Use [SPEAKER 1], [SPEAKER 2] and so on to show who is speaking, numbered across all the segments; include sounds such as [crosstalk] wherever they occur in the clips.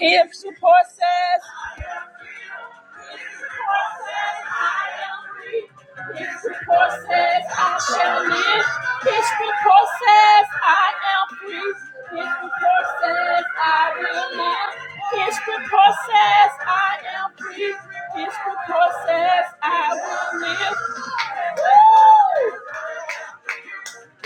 [SPEAKER 1] If support says, support says I am free. If support says I shall live. If support says I am free. If support says I will live. If support says I am free. If support says I will live. Woo!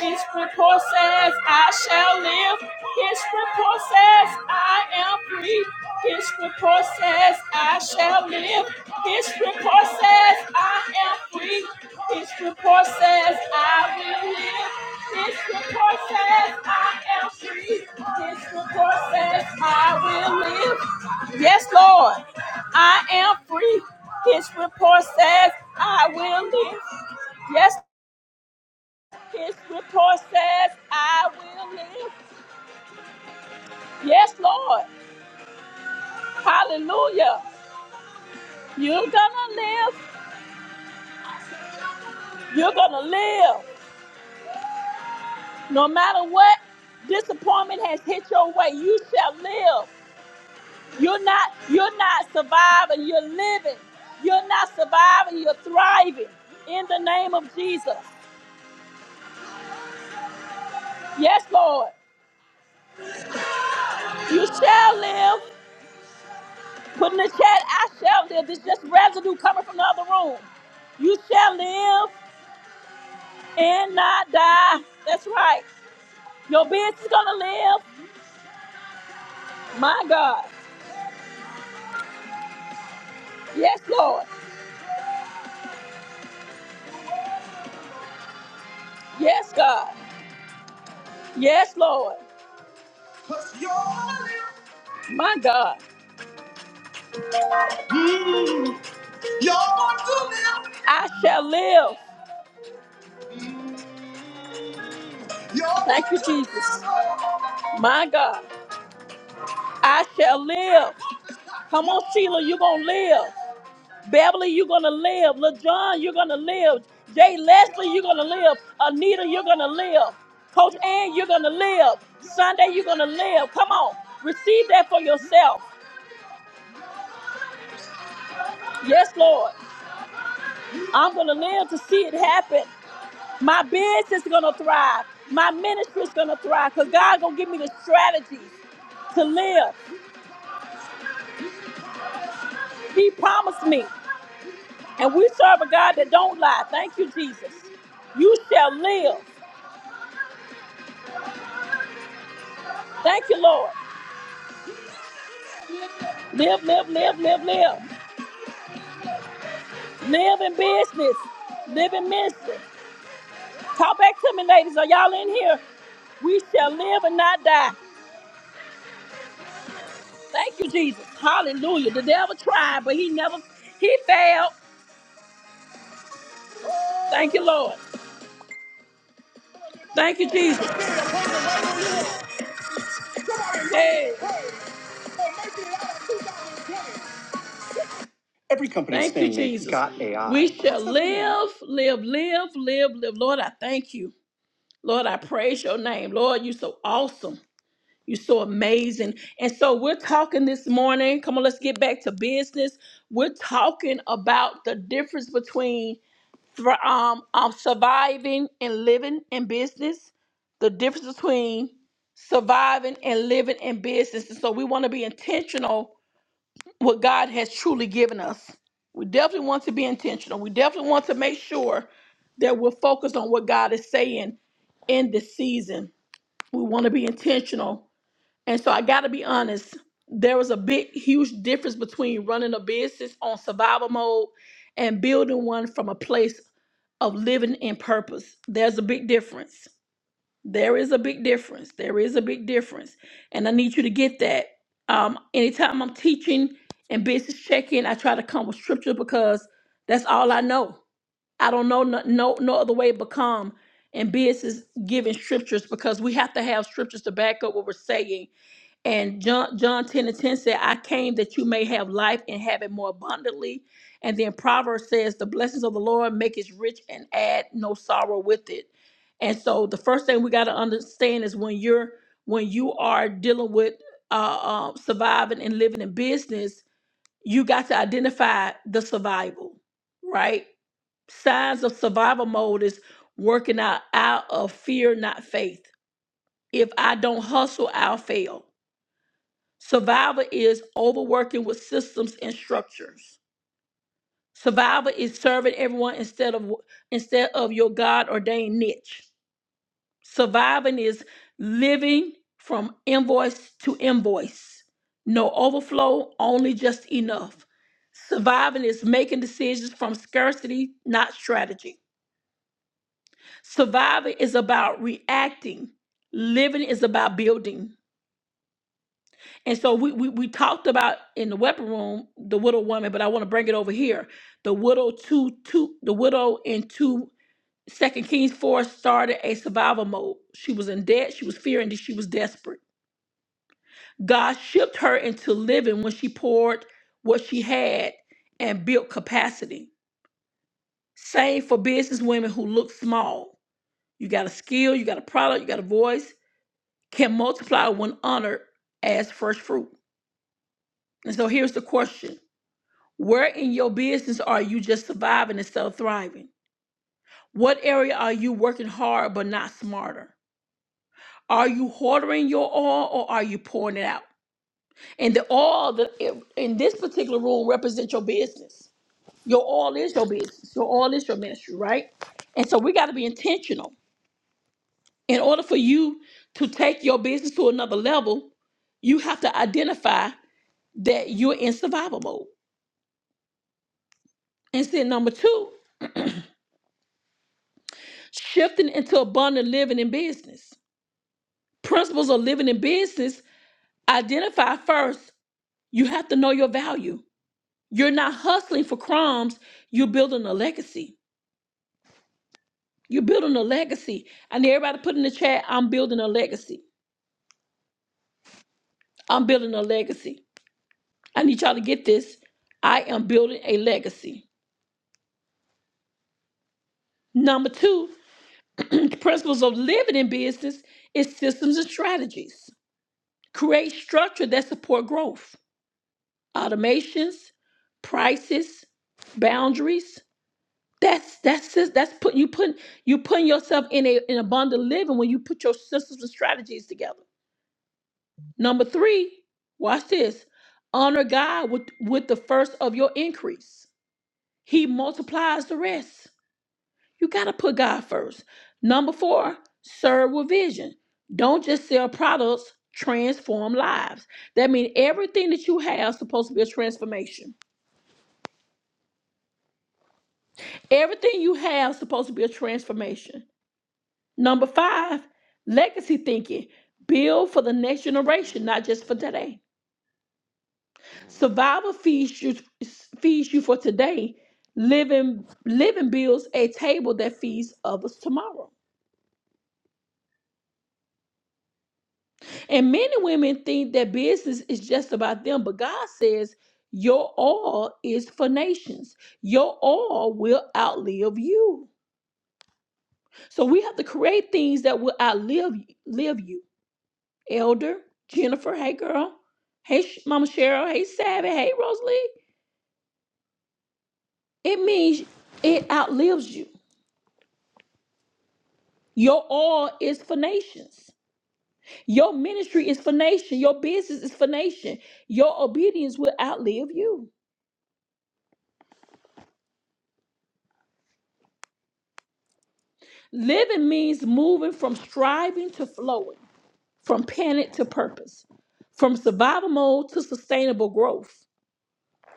[SPEAKER 1] His report says I shall live. His report says I am free. His report says I shall live. His report says I am free. His report says I will live. His report says I am free. His report says I will live. Yes, Lord, I am free. His report says I will live. Yes, his report says, I will live. Yes, Lord. Hallelujah. You're going to live. You're going to live. No matter what disappointment has hit your way, you shall live. You're not, you're not surviving, you're living. You're not surviving, you're thriving. In the name of Jesus. Yes, Lord. You shall live. Put in the chat, I shall live. There's just residue coming from the other room. You shall live. and not die. That's right. Your business is gonna live. My God. Yes, Lord. Yes, God. Yes, Lord. 'Cause you're alive. My God. Mm. You're going to live. I shall live. You're Thank you, going to Jesus. live. My God. I shall live. Come on, Sheila, you're gonna live. Beverly, you're gonna live. LaJohn, you're gonna live. Jay Leslie, you're gonna live. Anita, you're gonna live. Coach Ann, you're gonna live. Sunday, you're gonna live. Come on, receive that for yourself. Yes, Lord. I'm gonna live to see it happen. My business is gonna thrive. My ministry is gonna thrive. Cause God gonna give me the strategies to live. He promised me. And we serve a God that don't lie. Thank you, Jesus. You shall live. Thank you, Lord. Live, live, live, live, live. Live in business. Live in ministry. Talk back to me, ladies. Are y'all in here? We shall live and not die. Thank you, Jesus. Hallelujah. The devil tried, but he never, he failed. Thank you, Lord. Thank you, Jesus. Hey. Companies Thank you, thing that Jesus. got AI. We A I. shall live, live, live, live, live. Lord, I thank you. Lord, I praise your name. Lord, you're so awesome. You're so amazing. And so we're talking this morning. Come on, let's get back to business. We're talking about the difference between thr- um, um, surviving and living in business, the difference between surviving and living in business. And so we want to be intentional what God has truly given us. We definitely want to be intentional. We definitely want to make sure that we're focused on what God is saying in this season. We want to be intentional and so I got to be honest, there was a big, huge difference between running a business on survival mode and building one from a place of living in purpose. There's a big difference. There is a big difference. There is a big difference. And I need you to get that. Um, anytime I'm teaching and business check-in, I try to come with scripture because that's all I know. I don't know no, no, no other way but come and business giving scriptures because we have to have scriptures to back up what we're saying and John, John 10 and 10 said, I came that you may have life and have it more abundantly. And then Proverbs says, The blessings of the Lord make us rich and add no sorrow with it. And so the first thing we got to understand is when you're when you are dealing with uh, uh, surviving and living in business, you got to identify the survival, right? Signs of survival mode is working out out of fear, not faith. If I don't hustle, I'll fail Survivor is overworking with systems and structures. Survivor is serving everyone instead of instead of your God ordained niche. Surviving is living from invoice to invoice. No overflow, only just enough. Surviving is making decisions from scarcity, not strategy. Surviving is about reacting. Living is about building. And so we, we we talked about in the weapon room the widow woman, but I want to bring it over here. The widow two two the widow in two Second Kings four started a survival mode. She was in debt, she was fearing that she was desperate. God shipped her into living when she poured what she had and built capacity. Same for business women who look small. You got a skill, you got a product, you got a voice, can multiply when honored as first fruit. And so here's the question Where in your business are you just surviving instead of thriving? What area are you working hard but not smarter? Are you hoarding your oil or are you pouring it out? And the oil that in this particular room represents your business. Your oil is your business. Your oil is your ministry, right? And so we got to be intentional. In order for you to take your business to another level, you have to identify that you're in survival mode. And then number two, shifting into abundant living in business. principles of living in business identify first you have to know your value you're not hustling for crumbs you're building a legacy you're building a legacy i need everybody to put in the chat i'm building a legacy i'm building a legacy i need y'all to get this i am building a legacy number two [clears throat] principles of living in business is systems and strategies create structure that support growth automations prices boundaries That's that's just that's put you put you putting yourself in a in a bond of living when you put your systems and strategies together. Number three, watch this. Honor God with with the first of your increase. He multiplies the rest. You gotta put God first. Number four, serve with vision. Don't just sell products, transform lives. That means everything that you have is supposed to be a transformation. Everything you have is supposed to be a transformation. Number five, legacy thinking. Build for the next generation, not just for today. Survival feeds you feeds you for today. Living living builds a table that feeds others tomorrow. And men and women think that business is just about them, but God says your all is for nations. Your all will outlive you. So we have to create things that will outlive live you. Elder, Jennifer, hey girl, hey Sh- Mama Cheryl, hey Savvy, hey Rosalie. It means it outlives you. Your all is for nations. Your ministry is for nation. Your business is for nation. Your obedience will outlive you. Living means moving from striving to flowing, from panic to purpose, from survival mode to sustainable growth.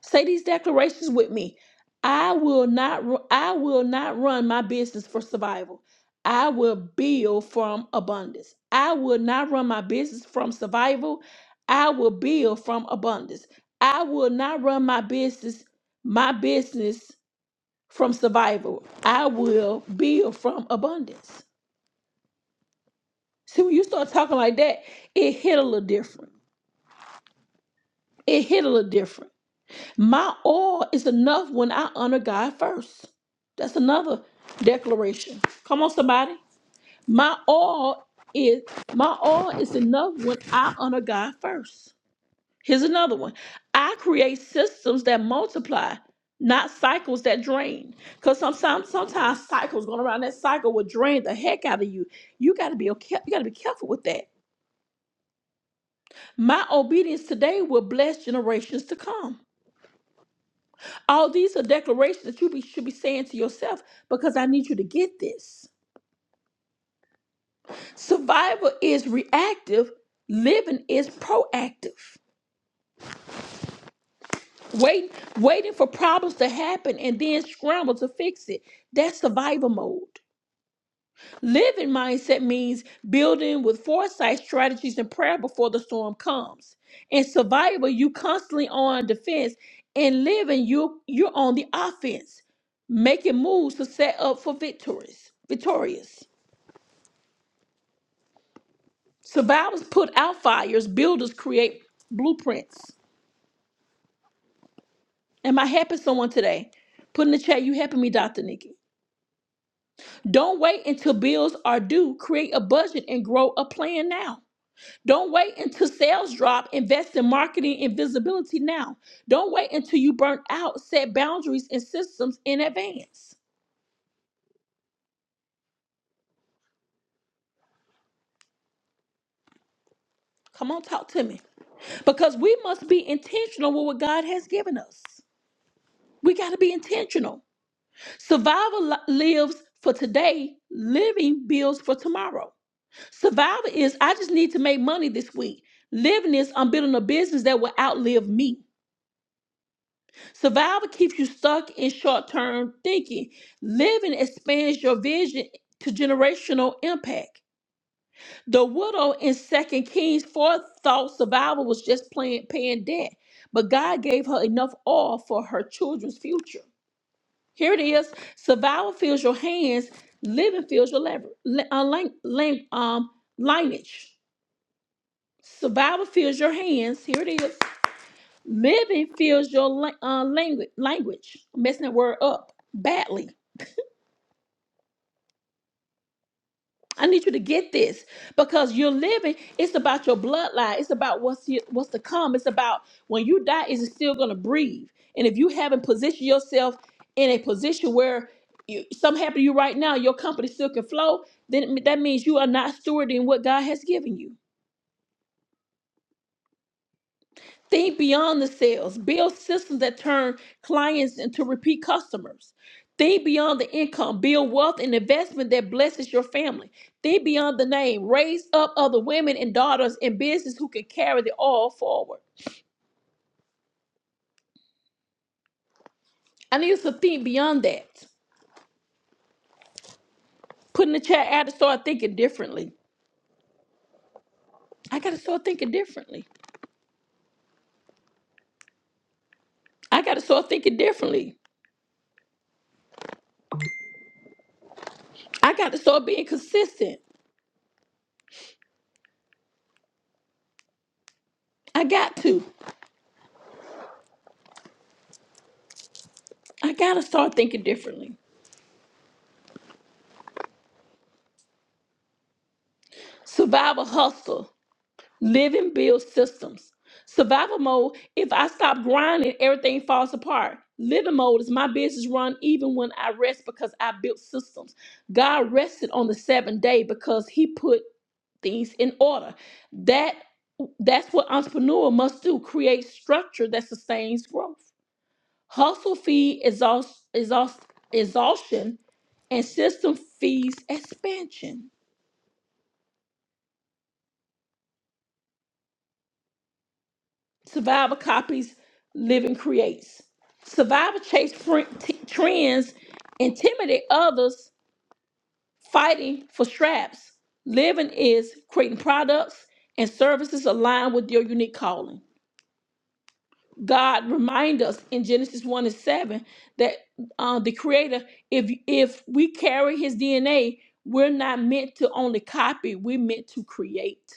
[SPEAKER 1] Say these declarations with me. I will not ru- I will not run my business for survival. I will build from abundance. I will not run my business from survival. I will build from abundance. I will not run my business my business from survival. I will build from abundance. See, when you start talking like that, it hit a little different. It hit a little different. My all is enough when I honor God first. That's another declaration. Come on, somebody. My all is my all is enough when I honor God first. Here's another one. I create systems that multiply, not cycles that drain. Because sometimes sometimes cycles going around that cycle will drain the heck out of you. You gotta be okay, you gotta be careful with that. My obedience today will bless generations to come. All these are declarations that you be, should be saying to yourself because I need you to get this. Survival is reactive, living is proactive. Wait, waiting for problems to happen and then scramble to fix it. That's survival mode. Living mindset means building with foresight, strategies, and prayer before the storm comes. In survival, you constantly on defense. In living, you you're on the offense, making moves to set up for victories. Victorious. Survivors put out fires. Builders create blueprints. Am I helping someone today? Put in the chat. You helping me, Dr. Nikki? Don't wait until bills are due. Create a budget and grow a plan now. Don't wait until sales drop. Invest in marketing and visibility now. Don't wait until you burn out. Set boundaries and systems in advance. Come on, talk to me. Because we must be intentional with what God has given us. We got to be intentional. Survival li- lives for today, living builds for tomorrow. Survival is I just need to make money this week. Living is I'm building a business that will outlive me. Survival keeps you stuck in short term thinking. Living expands your vision to generational impact. The widow in Second Kings 4 thought survival was just playing, paying debt, but God gave her enough oil for her children's future. Here it is survival fills your hands, living fills your lever, le- uh, lin- lin- um, lineage. Survival fills your hands. Here it is. Living feels your la- uh, language, language, messing that word up badly. I need you to get this because you're living. It's about your bloodline. It's about what's here, what's to come. It's about when you die, is it still going to breathe? And if you haven't positioned yourself in a position where you, something happened to you right now, your company still can flow, then that means you are not stewarding what God has given you. Think beyond the sales. Build systems that turn clients into repeat customers. Think beyond the income. Build wealth and investment that blesses your family. Think beyond the name. Raise up other women and daughters in business who can carry the all forward. I need us to think beyond that. Put in the chat, I had to start thinking differently. I got to start thinking differently. I got to start thinking differently. I got to start being consistent. I got to. I got to start thinking differently. Survival hustle. Living builds systems. Survival mode, if I stop grinding, everything falls apart. Living mode is my business run even when I rest because I built systems. God rested on the seventh day because he put things in order. That that's what entrepreneur must do, create structure that sustains growth. Hustle feed exhaust, exhaust, exhaustion and system feeds expansion. Survivor copies, Living creates. Survivor chase fr- t- trends, intimidate others, fighting for straps. Living is creating products and services aligned with your unique calling. God remind us in Genesis 1 and 7 that uh, the creator, if if we carry his DNA, we're not meant to only copy, we're meant to create.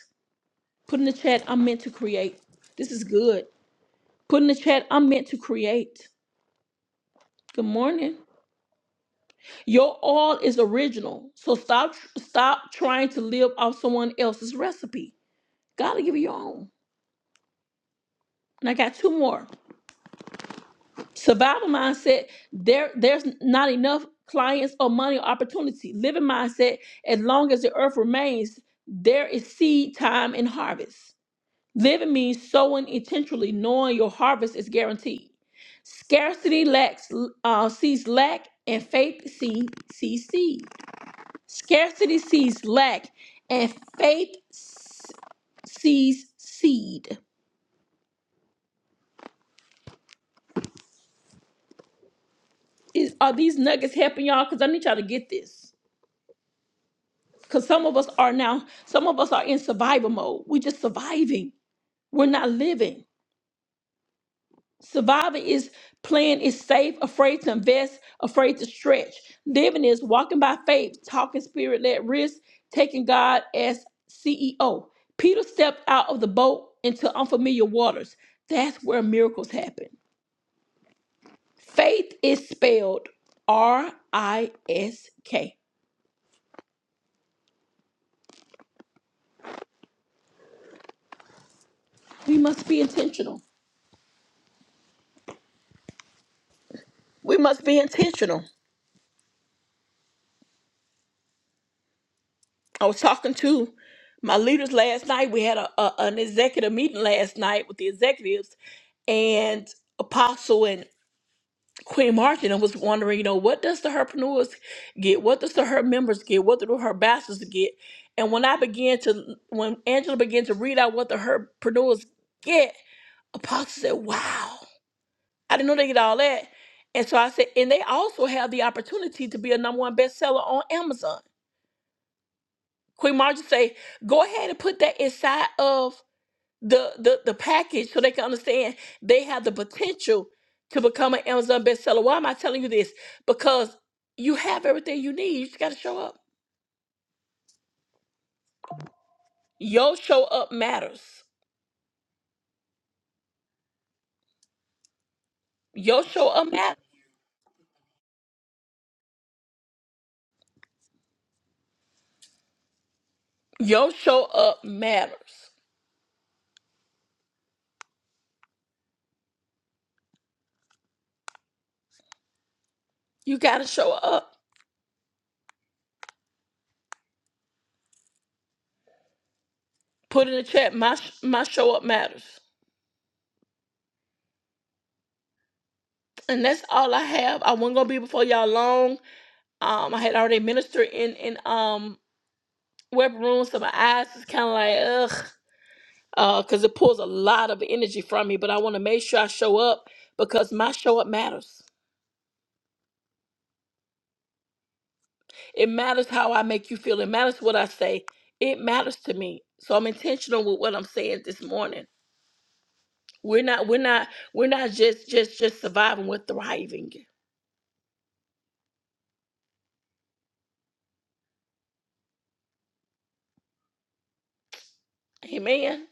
[SPEAKER 1] Put in the chat, I'm meant to create. This is good. Put in the chat, I'm meant to create. Good morning. Your all is original. So stop stop trying to live off someone else's recipe. Gotta give you your own. And I got two more. Survival mindset, there there's not enough clients or money or opportunity. Living mindset, as long as the earth remains, there is seed time and harvest. Living means sowing intentionally, knowing your harvest is guaranteed. Scarcity lacks uh, sees lack, and faith sees sees seed. Scarcity sees lack, and faith s- sees seed. Is, are these nuggets helping y'all? Because I need y'all to get this. Because some of us are now, some of us are in survival mode. We're just surviving, we're not living. Surviving is playing is safe, afraid to invest, afraid to stretch. Living is walking by faith, talking spirit led risk, taking God as CEO. Peter stepped out of the boat into unfamiliar waters. That's where miracles happen. Faith is spelled R I S K. We must be intentional. We must be intentional. I was talking to my leaders last night. We had a, a- an executive meeting last night with the executives, and Apostle and Queen Martin. I was wondering, you know, what does the herpreneurs get? What does the her members get? What do the her bastards get? And when I began to, when Angela began to read out what the herpreneurs get, Apostle said, "Wow." I didn't know they get all that. And so I said, and they also have the opportunity to be a number one bestseller on Amazon. Queen Marjorie say, go ahead and put that inside of the, the the package so they can understand they have the potential to become an Amazon bestseller. Why am I telling you this? Because you have everything you need. You just gotta show up. Your show up matters. Your show up matters. Your show up matters. You gotta show up. Put in the chat. My sh- my show up matters. and that's all I have. I wasn't gonna be before y'all long. Um, I had already ministered in in um weapon room, so my eyes is kind of like ugh, uh, because it pulls a lot of energy from me. But I want to make sure I show up because my show up matters. It matters how I make you feel. It matters what I say. It matters to me. So I'm intentional with what I'm saying this morning. We're not we're not we're not just just just surviving. We're thriving. Amen.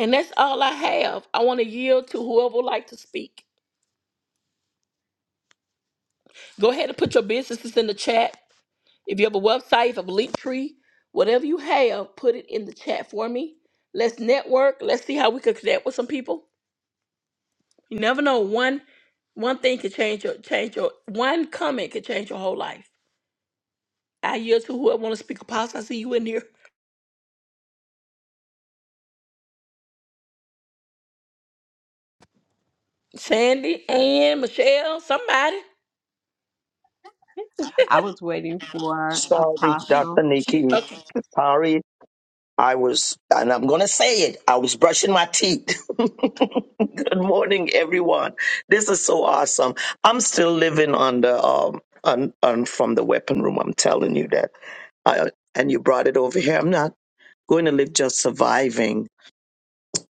[SPEAKER 1] And that's all I have. I want to yield to whoever would like to speak. Go ahead and put your businesses in the chat. If you have a website, if you have a link tree, whatever you have, put it in the chat for me. Let's network. Let's see how we can connect with some people. You never know. One one thing could change your change your one comment could change your whole life. I yield to whoever want to speak. Apostle, I see you in here. Sandy, Ann, Michelle, somebody.
[SPEAKER 2] I was waiting for
[SPEAKER 3] Sorry, Dr.
[SPEAKER 2] Apostle,
[SPEAKER 1] She
[SPEAKER 3] Nikki.
[SPEAKER 1] okay.
[SPEAKER 3] Sorry. I was, and I'm going to say it, I was brushing my teeth. [laughs] Good morning, everyone. This is so awesome. I'm still living on the, um, on, on from the weapon room. I'm telling you that. I, and you brought it over here. I'm not going to live just surviving.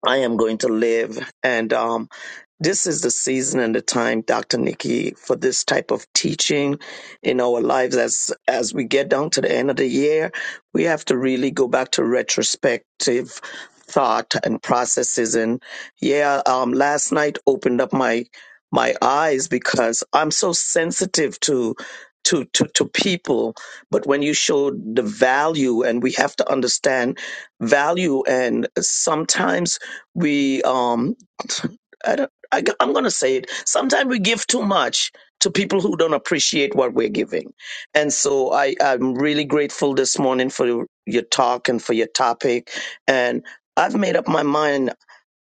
[SPEAKER 3] I am going to live. And um, this is the season and the time, Dr. Nikki, for this type of teaching in our lives. As as we get down to the end of the year, we have to really go back to retrospective thought and processes. And yeah, um, last night opened up my my eyes because I'm so sensitive to. To, to, to people, but when you show the value, and we have to understand value, and sometimes we um I don't, I, am going to say it. Sometimes we give too much to people who don't appreciate what we're giving. And so I, I'm really grateful this morning for your talk and for your topic. And I've made up my mind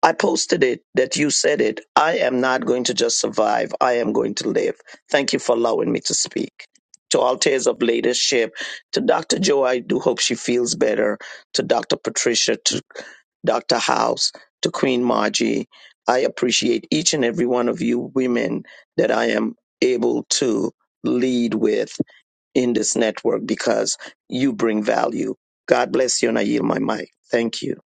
[SPEAKER 3] I posted it that you said it. I am not going to just survive. I am going to live. Thank you for allowing me to speak. To Altairs of Leadership, to Dr. Joe, I do hope she feels better. To Dr. Patricia, to Dr. House, to Queen Margie, I appreciate each and every one of you women that I am able to lead with in this network because you bring value. God bless you, and I yield my mic. Thank you.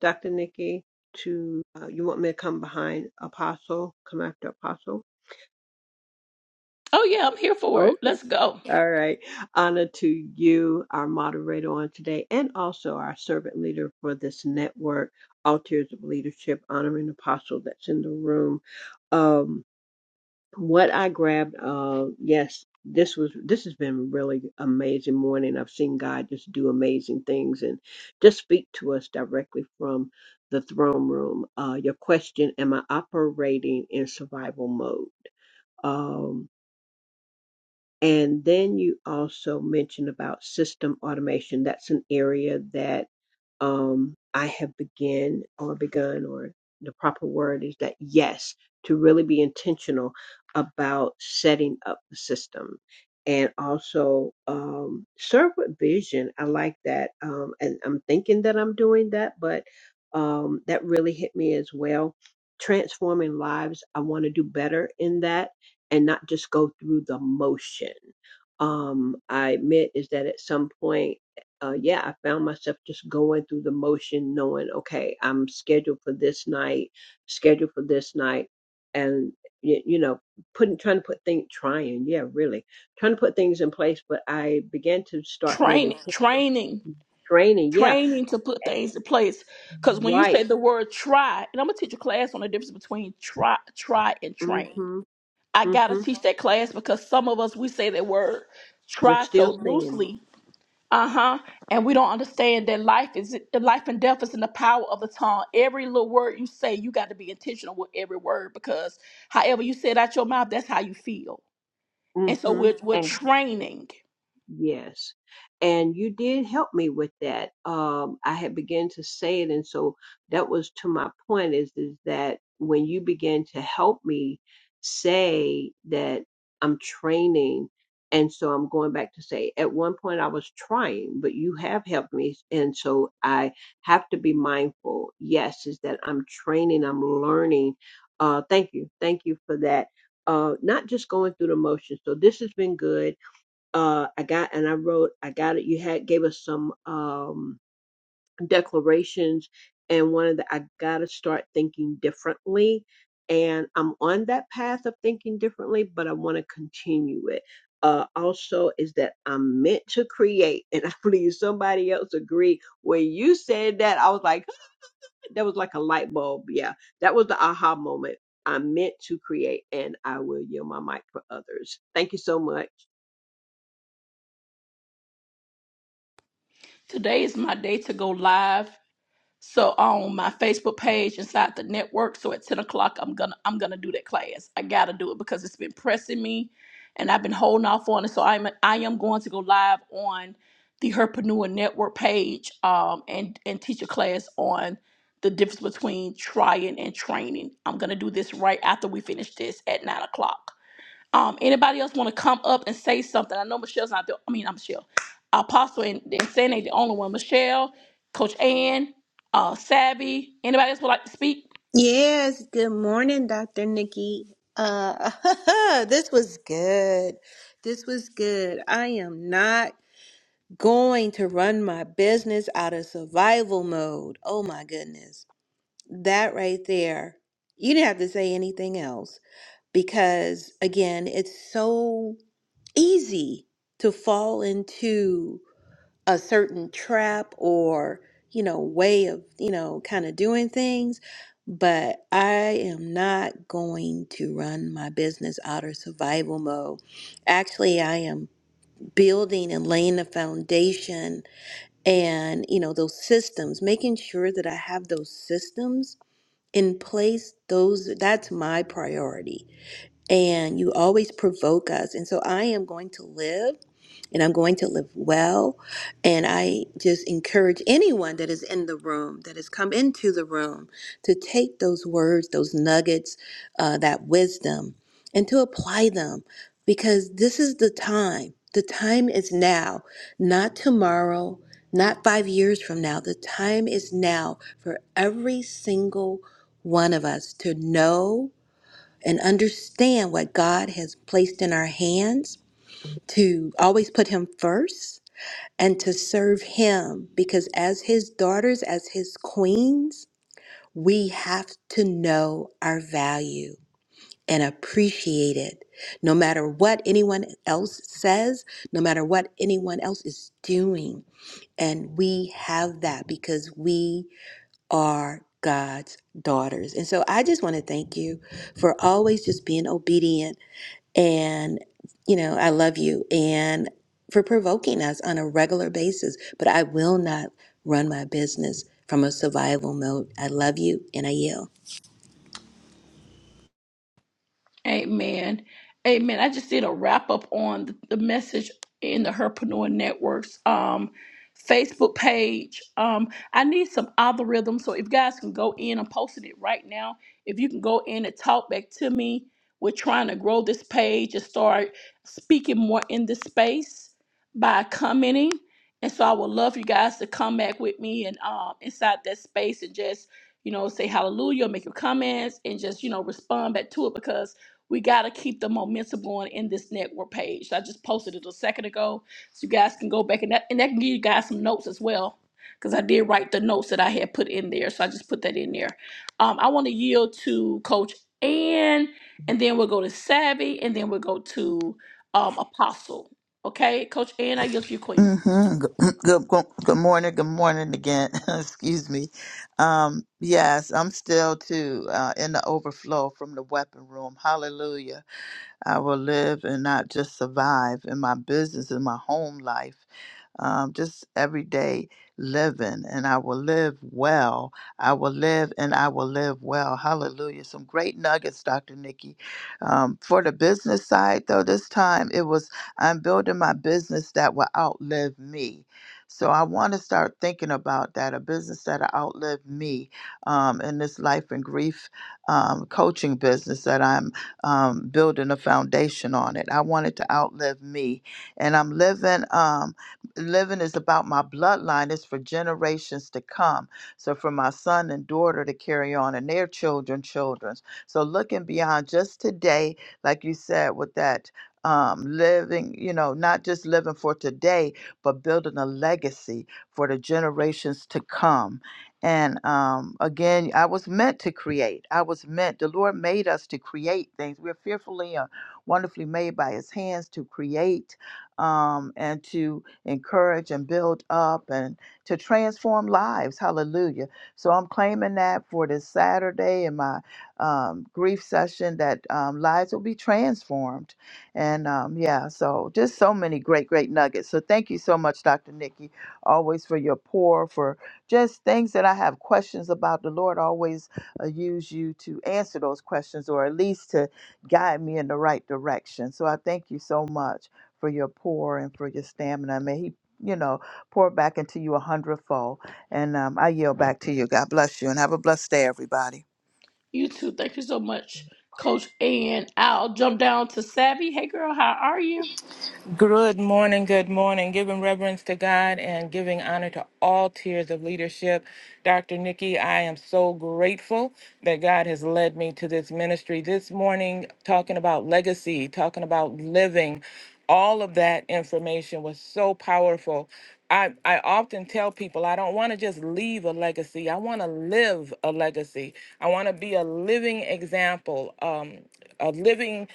[SPEAKER 2] Dr. Nikki, to, uh, you want me to come behind Apostle, come after Apostle?
[SPEAKER 1] Oh yeah, I'm here for it.
[SPEAKER 2] Okay.
[SPEAKER 1] Let's go.
[SPEAKER 2] All right. Honor to you, our moderator on today, and also our servant leader for this network, All Tiers of Leadership, honoring Apostle that's in the room. Um, What I grabbed, uh, yes, this was this has been really amazing morning. I've seen God just do amazing things and just speak to us directly from the throne room. Uh, your question: Am I operating in survival mode? Um, and then you also mentioned about system automation. That's an area that um, I have begun or begun, or the proper word is that yes, to really be intentional about setting up the system and also um, serve with vision. I like that. Um, and I'm thinking that I'm doing that, but um, that really hit me as well. Transforming lives. I want to do better in that and not just go through the motion. Um, I admit is that at some point, uh, yeah, I found myself just going through the motion, knowing, okay, I'm scheduled for this night, scheduled for this night, and you, you know, putting trying to put things, trying, yeah, really trying to put things in place. But I began to start being in
[SPEAKER 1] Training,
[SPEAKER 2] t-
[SPEAKER 1] training.
[SPEAKER 2] training, yeah,
[SPEAKER 1] training to put things in place. Because when you
[SPEAKER 2] right,
[SPEAKER 1] say the word try, and I'm gonna teach a class on the difference between try, try, and train.
[SPEAKER 2] mm-hmm,
[SPEAKER 1] I gotta
[SPEAKER 2] mm-hmm.
[SPEAKER 1] teach that class because some of us we say that word
[SPEAKER 2] We're
[SPEAKER 1] try so
[SPEAKER 2] still seeing
[SPEAKER 1] loosely, uh huh, and we don't understand that life is life and death is in the power of the tongue. Every little word you say, you got to be intentional with every word because however you say it out your mouth, that's how you feel.
[SPEAKER 2] it,
[SPEAKER 1] And so we're we're
[SPEAKER 2] mm-hmm,
[SPEAKER 1] training.
[SPEAKER 2] Yes. And you did help me with that. Um, I had began to say it. And so that was to my point is, is that when you began to help me say that I'm training, and so I'm going back to say at one point I was trying, but you have helped me. And so I have to be mindful. Yes, is that I'm training, I'm learning. Uh, thank you. Thank you for that. Uh, not just going through the motions. So this has been good uh i got and i wrote i got it you had gave us some um declarations and one of the i gotta start thinking differently and i'm on that path of thinking differently but i want to continue it uh also is that i'm meant to create and [laughs] i believe somebody else agreed when you said that i was like [gasps] that was like a light bulb yeah that was the aha moment i'm meant to create and i will yield my mic for others thank you so much
[SPEAKER 1] Today is my day to go live So on my Facebook page inside the network, so at 10 o'clock, I'm gonna I'm gonna do that class. I gotta do it because it's been pressing me and I've been holding off on it. So I'm I am going to go live on the Herpreneur Network page um and, and teach a class on the difference between trying and training. I'm gonna do this right after we finish this at nine o'clock. Um, anybody else want to come up and say something? I know Michelle's not the. I mean, I'm Michelle. Apostle and, and Sandy the only one. Michelle, Coach Ann, uh, Savvy. Anybody else would like to speak?
[SPEAKER 4] Yes, good morning, Dr. Nikki. Uh, [laughs] this was good. This was good. I am not going to run my business out of survival mode. Oh my goodness. That right there. You didn't have to say anything else because again, it's so easy to fall into a certain trap or you know way of you know kind of doing things but i am not going to run my business out of survival mode actually i am building and laying the foundation and you know those systems making sure that i have those systems in place those that's my priority and you always provoke us and so i am going to live and I'm going to live well. And I just encourage anyone that is in the room, that has come into the room, to take those words, those nuggets, uh, that wisdom, and to apply them because this is the time. The time is now, not tomorrow, not five years from now. The time is now for every single one of us to know and understand what God has placed in our hands to always put him first and to serve him because as his daughters, as his queens, we have to know our value and appreciate it. No matter what anyone else says, no matter what anyone else is doing. And we have that because we are God's daughters. And so I just want to thank you for always just being obedient and you know i love you and for provoking us on a regular basis but i will not run my business from a survival mode i love you and i yield
[SPEAKER 1] Amen. Amen. I just did a wrap up on the, the message in the Herpreneur Network's um, Facebook page. Um, I need some algorithm, so if guys can go in, I'm posting it right now. If you can go in and talk back to me, we're trying to grow this page and start speaking more in this space by commenting. And so I would love you guys to come back with me and um, inside that space and just, you know, say hallelujah, make your comments and just, you know, respond back to it because we got to keep the momentum going in this network page. I just posted it a second ago, so you guys can go back and that and that can give you guys some notes as well, because I did write the notes that I had put in there, so I just put that in there. Um, I want to yield to Coach Ann, and then we'll go to Savvy, and then we'll go to um, Apostle. Okay, Coach Ann, I yield to you, Queen.
[SPEAKER 5] Mm-hmm. Good, good, good good morning. Good morning again. [laughs] Excuse me. Um, yes, I'm still too uh, in the overflow from the weapon room. Hallelujah. I will live and not just survive in my business, in my home life um, just everyday living, and I will live well. I will live and I will live well. Hallelujah. Some great nuggets, Dr. Nikki. Um, for the business side, though, this time it was I'm building my business that will outlive me. So I want to start thinking about that a business that will outlive me um, in this life and grief um, coaching business that I'm um, building a foundation on it. I want it to outlive me. And I'm living. Um, living is about my bloodline it's for generations to come so for my son and daughter to carry on and their children children's so looking beyond just today like you said with that um, living you know not just living for today but building a legacy for the generations to come and um, again i was meant to create i was meant the lord made us to create things we're fearfully and wonderfully made by his hands to create um, and to encourage and build up and to transform lives. Hallelujah. So I'm claiming that for this Saturday in my um, grief session that um, lives will be transformed. And um, yeah, so just so many great, great nuggets. So thank you so much, Dr. Nikki, always for your pour, for just things that I have questions about. The Lord always uh, use you to answer those questions or at least to guide me in the right direction. So I thank you so much for your pour and for your stamina. May He, you know, pour back into you a hundredfold. And um, I yield back to you. God bless you and have a blessed day, everybody.
[SPEAKER 1] You too. Thank you so much, Coach Ann. I'll jump down to Savvy. Hey, girl, how are you?
[SPEAKER 6] Good morning, good morning. Giving reverence to God and giving honor to all tiers of leadership. Dr. Nikki, I am so grateful that God has led me to this ministry this morning, talking about legacy, talking about living. All of that information was so powerful. I, I often tell people I don't want to just leave a legacy. I want to live a legacy. I want to be a living example. Um, a living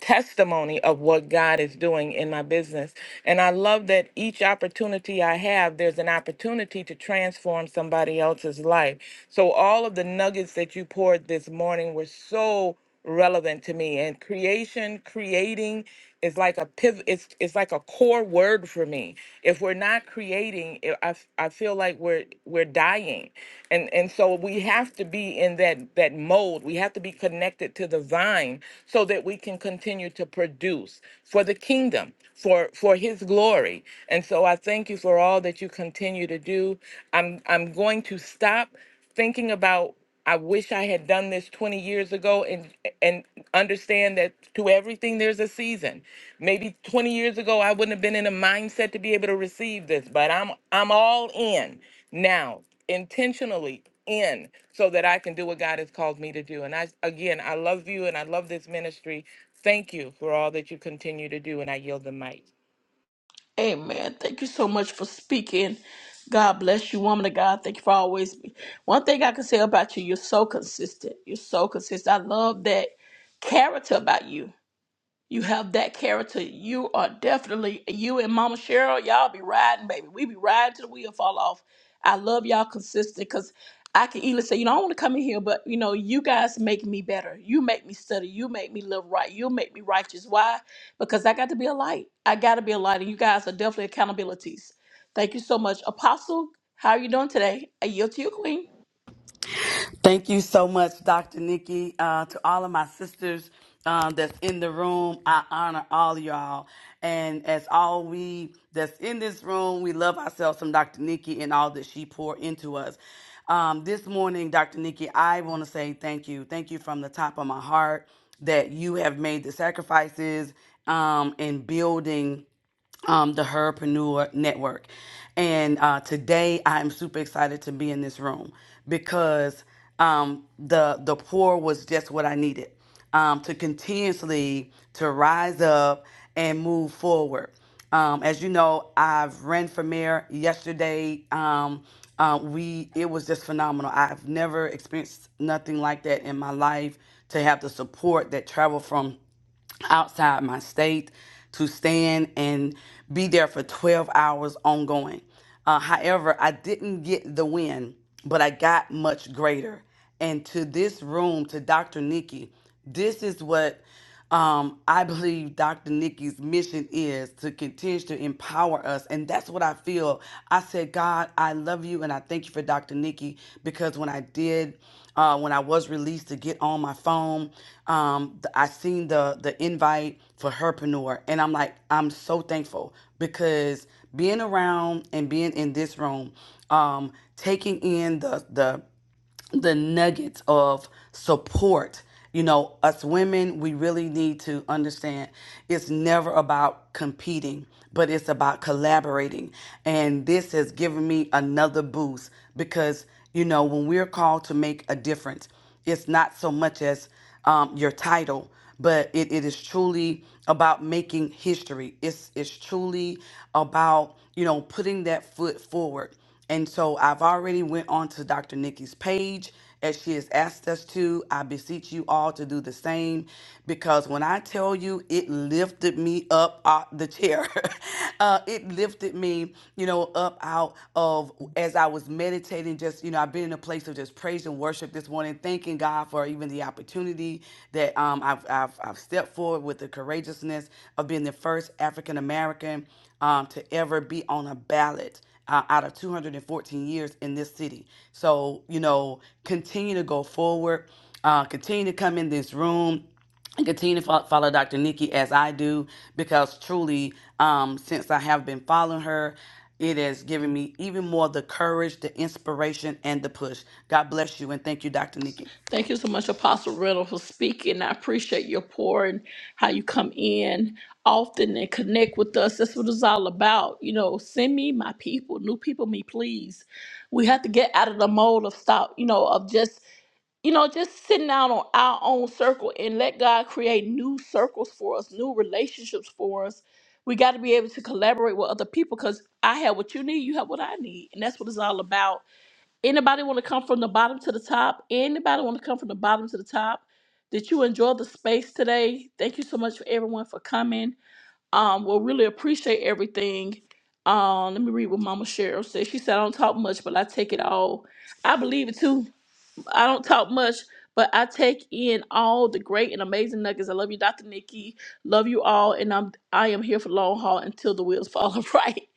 [SPEAKER 6] testimony of what God is doing in my business. And I love that each opportunity I have, there's an opportunity to transform somebody else's life. So all of the nuggets that you poured this morning were so relevant to me and creation creating is like a pivot it's it's like a core word for me if we're not creating it, I, f- I feel like we're we're dying and and so we have to be in that that mold we have to be connected to the vine so that we can continue to produce for the kingdom for for his glory and so i thank you for all that you continue to do i'm i'm going to stop thinking about I wish I had done this 20 years ago and and understand that to everything there's a season. Maybe 20 years ago I wouldn't have been in a mindset to be able to receive this, but I'm I'm all in now, intentionally in so that I can do what God has called me to do. And I again, I love you and I love this ministry. Thank you for all that you continue to do and I yield the mic.
[SPEAKER 1] Amen. Thank you so much for speaking. God bless you, woman of God. Thank you for always be. One thing I can say about you, you're so consistent. You're so consistent. I love that character about you. You have that character. You are definitely you and Mama Cheryl. Y'all be riding, baby. We be riding till the wheel fall off. I love y'all consistent because I can either say, you know, I want to come in here, but you know, you guys make me better. You make me study. You make me live right. You make me righteous. Why? Because I got to be a light. I got to be a light, and you guys are definitely accountabilities. Thank you so much, Apostle. How are you doing today? I yield to you, Queen.
[SPEAKER 7] Thank you so much, Dr. Nikki. Uh, to all of my sisters um, that's in the room, I honor all of y'all. And as all we that's in this room, we love ourselves from Dr. Nikki and all that she poured into us. Um, this morning, Dr. Nikki, I want to say thank you. Thank you from the top of my heart that you have made the sacrifices um, in building um, the Herpreneur Network. And uh, today I am super excited to be in this room because um, the the pour was just what I needed um, to continuously to rise up and move forward. Um, as you know, I've ran for mayor yesterday. Um, uh, we it was just phenomenal. I've never experienced nothing like that in my life to have the support that traveled from outside my state to stand and be there for 12 hours ongoing. Uh, however, I didn't get the win, but I got much greater. And to this room, to Dr. Nikki, this is what um, I believe Dr. Nikki's mission is to continue to empower us. And that's what I feel. I said, God, I love you and I thank you for Dr. Nikki because when I did uh, when I was released to get on my phone. Um, th- I seen the the invite for Herpreneur, and I'm like, I'm so thankful because being around and being in this room, um, taking in the the the nuggets of support. You know, us women, we really need to understand it's never about competing, but it's about collaborating. And this has given me another boost because, you know, when we're called to make a difference, it's not so much as um, your title, but it, it is truly about making history. It's, it's truly about, you know, putting that foot forward. And so I've already went on to Dr. Nikki's page as she has asked us to. I beseech you all to do the same because when I tell you it lifted me up off the chair, [laughs] uh, it lifted me, you know, up out of as I was meditating, just, you know, I've been in a place of just praise and worship this morning, thanking God for even the opportunity that um, I've, I've, I've stepped forward with the courageousness of being the first African American um, to ever be on a ballot uh, out of 214 years in this city. So, you know, continue to go forward, uh, continue to come in this room. And continue to fo- follow Dr. Nikki as I do because truly, um, since I have been following her, it has given me even more the courage, the inspiration, and the push. God bless you and thank you, Dr. Nikki.
[SPEAKER 1] Thank you so much, Apostle Riddle, for speaking. I appreciate your pour and how you come in often and connect with us. That's what it's all about. You know, send me my people, new people, me, please. We have to get out of the mold of stop, you know, of just you know, just sitting out on our own circle and let God create new circles for us, new relationships for us. We got to be able to collaborate with other people because I have what you need, you have what I need, and that's what it's all about. Anybody want to come from the bottom to the top? Anybody want to come from the bottom to the top? Did you enjoy the space today? Thank you so much for everyone for coming. Um, we'll really appreciate everything. Um, let me read what Mama Cheryl said. She said, I don't talk much, but I take it all. I believe it too. I don't talk much, but I take in all the great and amazing nuggets. I love you, Dr. Nikki. Love you all, and I'm I am here for the long haul until the wheels fall [laughs] off. Right.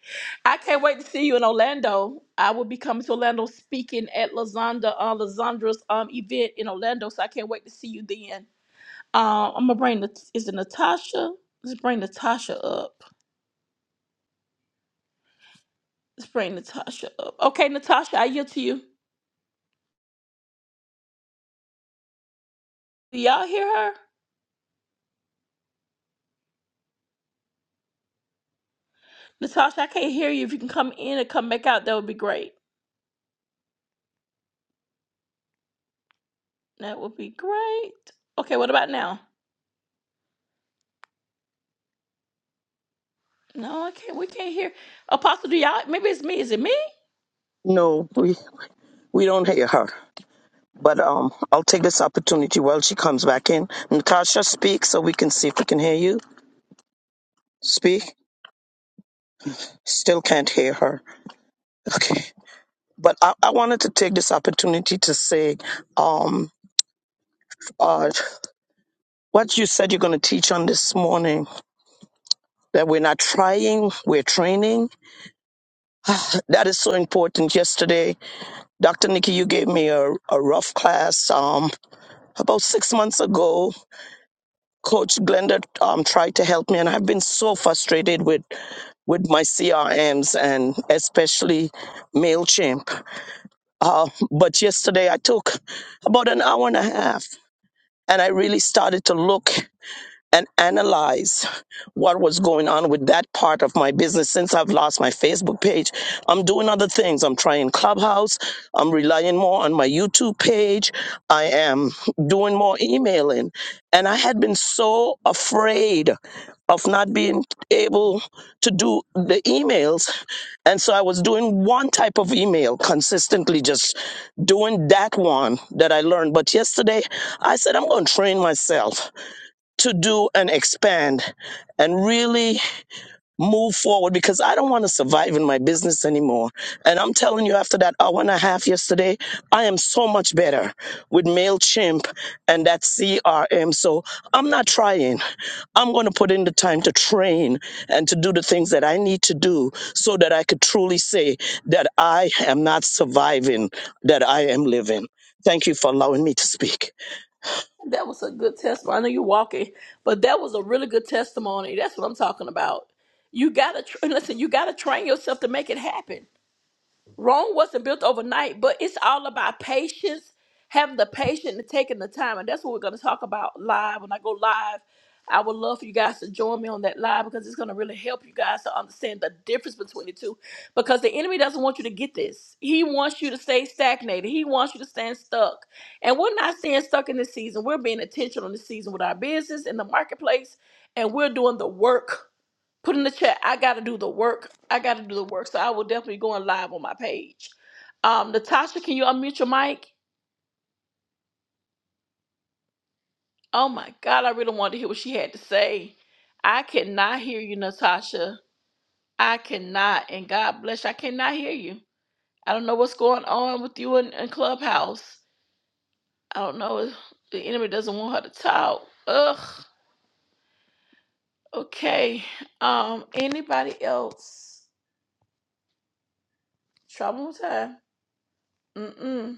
[SPEAKER 1] I can't wait to see you in Orlando. I will be coming to Orlando speaking at Lazanda, uh, Lazandra's um event in Orlando, so I can't wait to see you then. Um, I'm gonna bring the is it Natasha? Let's bring Natasha up. Let's bring Natasha up. Okay, Natasha, I yield to you. Do y'all hear her? Natasha, I can't hear you. If you can come in and come back out, that would be great. That would be great. Okay, what about now? No, I can't. We can't hear. Apostle, do y'all? Maybe it's me. Is it me?
[SPEAKER 3] No, we we don't hear her. But um, I'll take this opportunity while she comes back in. Natasha, speak so we can see if we can hear you. Speak. Still can't hear her. Okay. But I, I wanted to take this opportunity to say, um. God, what you said you're going to teach on this morning, that we're not trying, we're training. That is so important. Yesterday, Dr. Nikki, you gave me a, a rough class um, about six months ago. Coach Glenda um, tried to help me, and I've been so frustrated with with my CRMs and especially MailChimp. Uh, but yesterday I took about an hour and a half and I really started to look. and analyze what was going on with that part of my business since I've lost my Facebook page. I'm doing other things. I'm trying Clubhouse. I'm relying more on my YouTube page. I am doing more emailing. And I had been so afraid of not being able to do the emails. And so I was doing one type of email consistently, just doing that one that I learned. But yesterday I said, I'm going to train myself to do and expand and really move forward because I don't want to survive in my business anymore. And I'm telling you, after that hour and a half yesterday, I am so much better with MailChimp and that CRM. So I'm not trying. I'm going to put in the time to train and to do the things that I need to do so that I could truly say that I am not surviving, that I am living. Thank you for allowing me to speak.
[SPEAKER 1] That was a good testimony. I know you're walking, but that was a really good testimony. That's what I'm talking about. You gotta tr- and listen. You gotta train yourself to make it happen. Rome wasn't built overnight, but it's all about patience, having the patience and taking the time. And that's what we're going to talk about live. When I go live, I would love for you guys to join me on that live because it's going to really help you guys to understand the difference between the two. Because the enemy doesn't want you to get this, he wants you to stay stagnated, he wants you to stand stuck. And we're not staying stuck in this season, we're being intentional in this season with our business in the marketplace, and we're doing the work put in the chat. I got to do the work. I got to do the work. So I will definitely go on live on my page. Um, Natasha, can you unmute your mic? Oh my God, I really wanted to hear what she had to say. I cannot hear you, Natasha. I cannot. And God bless you. I cannot hear you. I don't know what's going on with you in, in Clubhouse. I don't know. The enemy doesn't want her to talk. Ugh. Okay. Um, anybody else? Trouble with time. Mm-mm.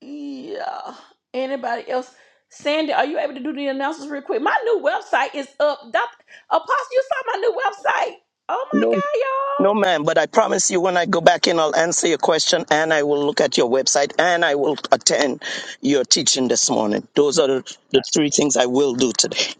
[SPEAKER 1] Yeah. Anybody else? Sandy, are you able to do the announcements real quick? My new website is up. Doc, Apostle, you saw my new website. Oh my
[SPEAKER 3] No, no,
[SPEAKER 1] God,
[SPEAKER 3] ma'am. But I promise you, when I go back in, I'll answer your question, and I will look at your website, and I will attend your teaching this morning. Those are the, the three things I will do today.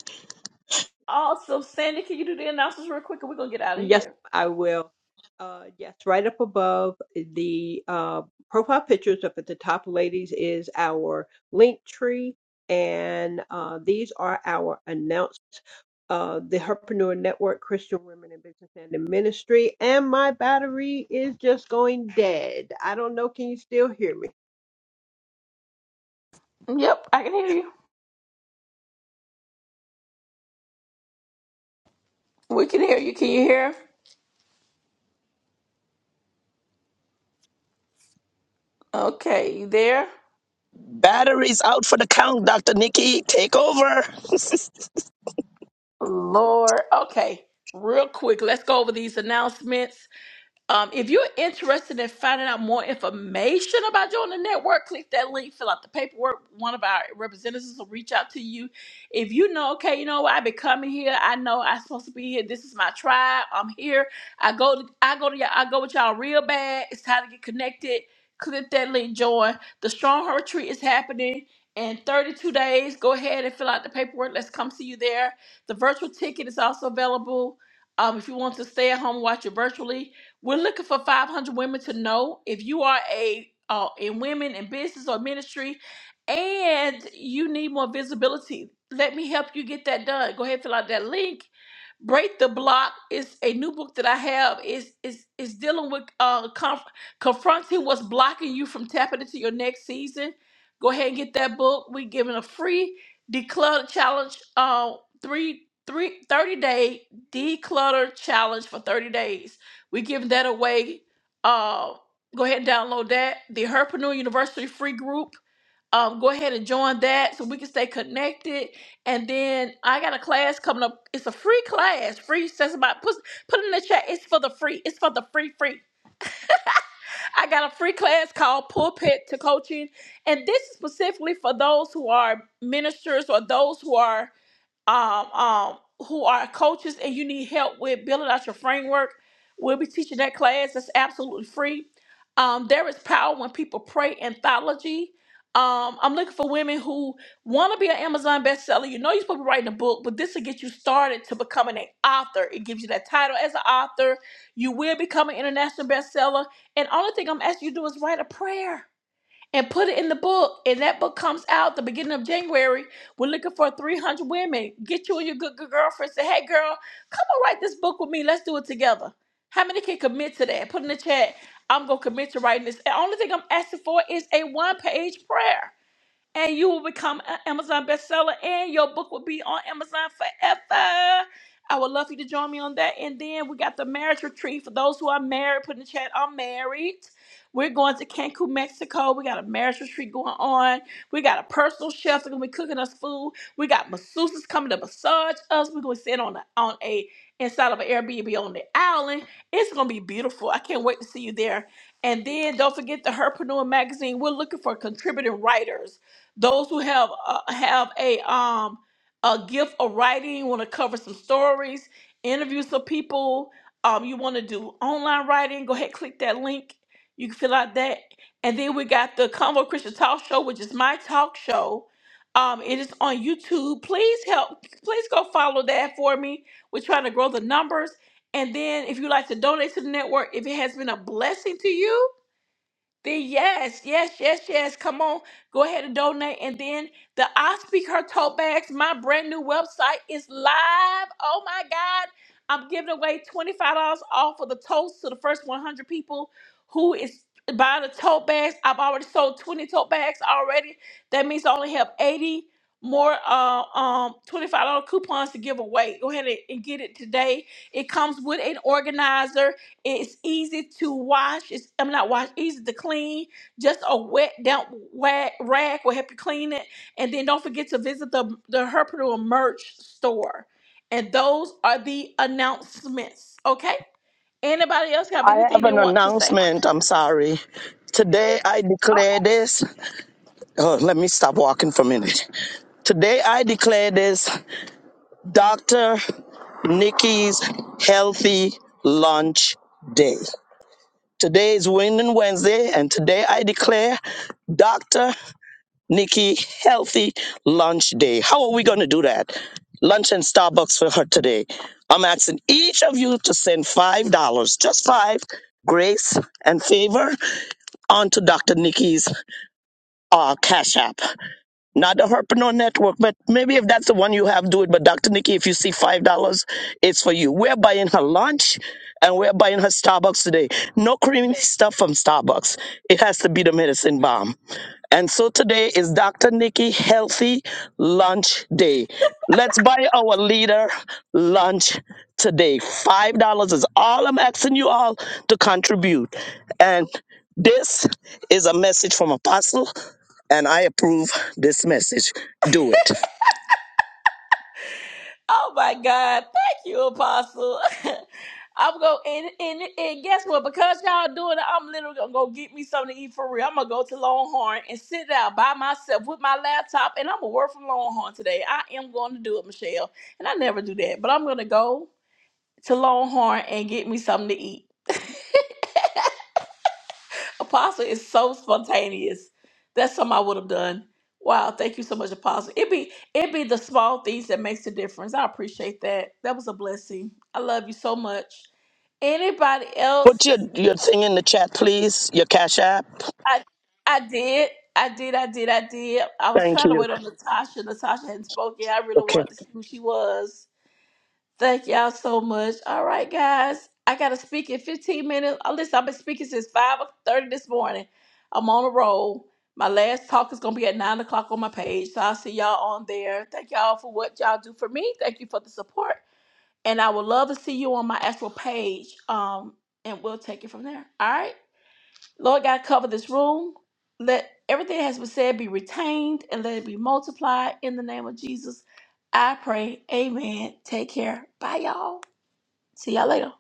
[SPEAKER 1] y'all. Awesome. Sandy, can you do the announcements real quick and we're going to get out of
[SPEAKER 2] Yes,
[SPEAKER 1] here?
[SPEAKER 2] I will. Uh, yes, right up above the uh, profile pictures up at the top, ladies, is our link tree. And uh, these are our announcements. Uh, the Herpreneur Network, Christian Women in Business and in Ministry. And my battery is just going dead. I don't know. Can you still hear me?
[SPEAKER 1] Yep, I can hear you. We can hear you. Can you hear? Okay, you there?
[SPEAKER 3] Batteries out for the count, Doctor Nikki. Take over. [laughs]
[SPEAKER 1] Lord. Okay, real quick, let's go over these announcements. Um, if you're interested in finding out more information about joining the network, click that link, fill out the paperwork. One of our representatives will reach out to you. If you know, okay, you know what, I've been coming here. I know I'm supposed to be here. This is my tribe. I'm here. I go to I go to y'all, I go with y'all real bad. It's time to get connected. Click that link, join. The Strong Retreat is happening in 32 days. Go ahead and fill out the paperwork. Let's come see you there. The virtual ticket is also available. Um, if you want to stay at home, and watch it virtually. We're looking for 500 women to know if you are a uh, in women in business or ministry, and you need more visibility. Let me help you get that done. Go ahead and fill out that link. Break the Block is a new book that I have. is is is dealing with uh, conf- confronting what's blocking you from tapping into your next season. Go ahead and get that book. We're giving a free declutter challenge, uh, three, three thirty day declutter challenge for 30 days we giving that away. Uh, go ahead and download that. The Herpreneur University free group. Um, go ahead and join that so we can stay connected. And then I got a class coming up. It's a free class. Free says about put put it in the chat. It's for the free. It's for the free free. I got a free class called Pulpit to Coaching, and this is specifically for those who are ministers or those who are um, um, who are coaches and you need help with building out your framework, we'll be teaching that class. It's absolutely free. Um, there is power when people pray anthology. Um, I'm looking for women who want to be an Amazon bestseller. You know you're supposed to be writing a book, but this will get you started to becoming an author. It gives you that title as an author. You will become an international bestseller. And only thing I'm asking you to do is write a prayer and put it in the book. And that book comes out the beginning of January. We're looking for 300 women. Get you and your good, good girlfriend. Say, hey, girl, come and write this book with me. Let's do it together. How many can commit to that? Put in the chat. I'm going to commit to writing this. The only thing I'm asking for is a one page prayer and you will become an Amazon bestseller, and your book will be on Amazon forever. I would love for you to join me on that. And then we got the marriage retreat for those who are married. Put in the chat, I'm married. We're going to Cancun, Mexico. We got a marriage retreat going on. We got a personal chef that's gonna be cooking us food. We got masseuses coming to massage us. We're gonna sit on a, on a inside of an Airbnb on the island. It's gonna be beautiful. I can't wait to see you there. And then don't forget the Herpreneur magazine. We're looking for contributing writers those who have uh, have a um a gift of writing want to cover some stories, interview some people. Um, you want to do online writing? Go ahead, click that link. You can fill out that, and then we got the Convo Christian Talk Show, which is my talk show. Um, it is on YouTube. Please help. Please go follow that for me. We're trying to grow the numbers. And then, if you'd like to donate to the network, if it has been a blessing to you, then yes, yes, yes, yes. Come on, go ahead and donate. And then the I Speak Her tote bags. My brand new website is live. Oh my God, I'm giving away twenty five dollars off of the totes to the first one hundred people who is buying the tote bags. I've already sold twenty tote bags already. That means I only have eighty more uh, um twenty five dollar coupons to give away. Go ahead and and get it today. It comes with an organizer. It's easy to wash. It's I'm not wash. Easy to clean. Just a wet damp wag, rag will help you clean it. And then don't forget to visit the the Herpreneur merch store. And those are the announcements. Okay. Anybody else have
[SPEAKER 3] I have
[SPEAKER 1] anything they
[SPEAKER 3] an
[SPEAKER 1] want to say?
[SPEAKER 3] announcement. I'm sorry. Today I declare this. Oh, let me stop walking for a minute. Today I declare this Dr. Nikki's Healthy Lunch Day. Today is Winning Wednesday, and today I declare Dr. Nikki Healthy Lunch Day. How are we going to do that? Lunch and Starbucks for her today. I'm asking each of you to send $5, just five, grace and favor onto Dr. Nikki's uh, Cash App. Not the Herpreneur Network, but maybe if that's the one you have, do it. But Dr. Nikki, if you see five dollars, it's for you. We're buying her lunch and we're buying her Starbucks today. No creamy stuff from Starbucks. It has to be the medicine bomb. And so today is Dr. Nikki Healthy Lunch Day. Let's buy our leader lunch today. Five dollars is all I'm asking you all to contribute. And this is a message from Apostle. And I approve this message. Do it.
[SPEAKER 1] Oh my God. Thank you, Apostle. [laughs] I'm going and, and and guess what? Because y'all doing it, I'm literally gonna go get me something to eat for real. I'm gonna go to Longhorn and sit down by myself with my laptop and I'm gonna work from Longhorn today. I am going to do it, Michelle. And I never do that, but I'm gonna go to Longhorn and get me something to eat. Apostle is so spontaneous. That's something I would have done. Wow, thank you so much, Apostle. It be it be the small things that makes the difference. I appreciate that. That was a blessing. I love you so much. Anybody
[SPEAKER 3] Put your,
[SPEAKER 1] else?
[SPEAKER 3] your thing in the chat, please, your Cash App.
[SPEAKER 1] I I did. I did, I did, I did. I was
[SPEAKER 3] Thank
[SPEAKER 1] trying to
[SPEAKER 3] you.
[SPEAKER 1] wait on Natasha. Natasha hadn't spoken. I really
[SPEAKER 3] Okay.
[SPEAKER 1] wanted to see who she was. Thank y'all so much. All right, guys. I gotta speak in 15 minutes. Oh, listen, I've been speaking since 5 30 this morning. I'm on a roll. My last talk is gonna be at 9 o'clock on my page. So I'll see y'all on there. Thank y'all for what y'all do for me. Thank you for the support. And I would love to see you on my actual page. Um, and we'll take it from there. All right. Lord God, cover this room. Let everything that has been said be retained and let it be multiplied in the name of Jesus. I pray. Amen. Take care. Bye, y'all. See y'all later.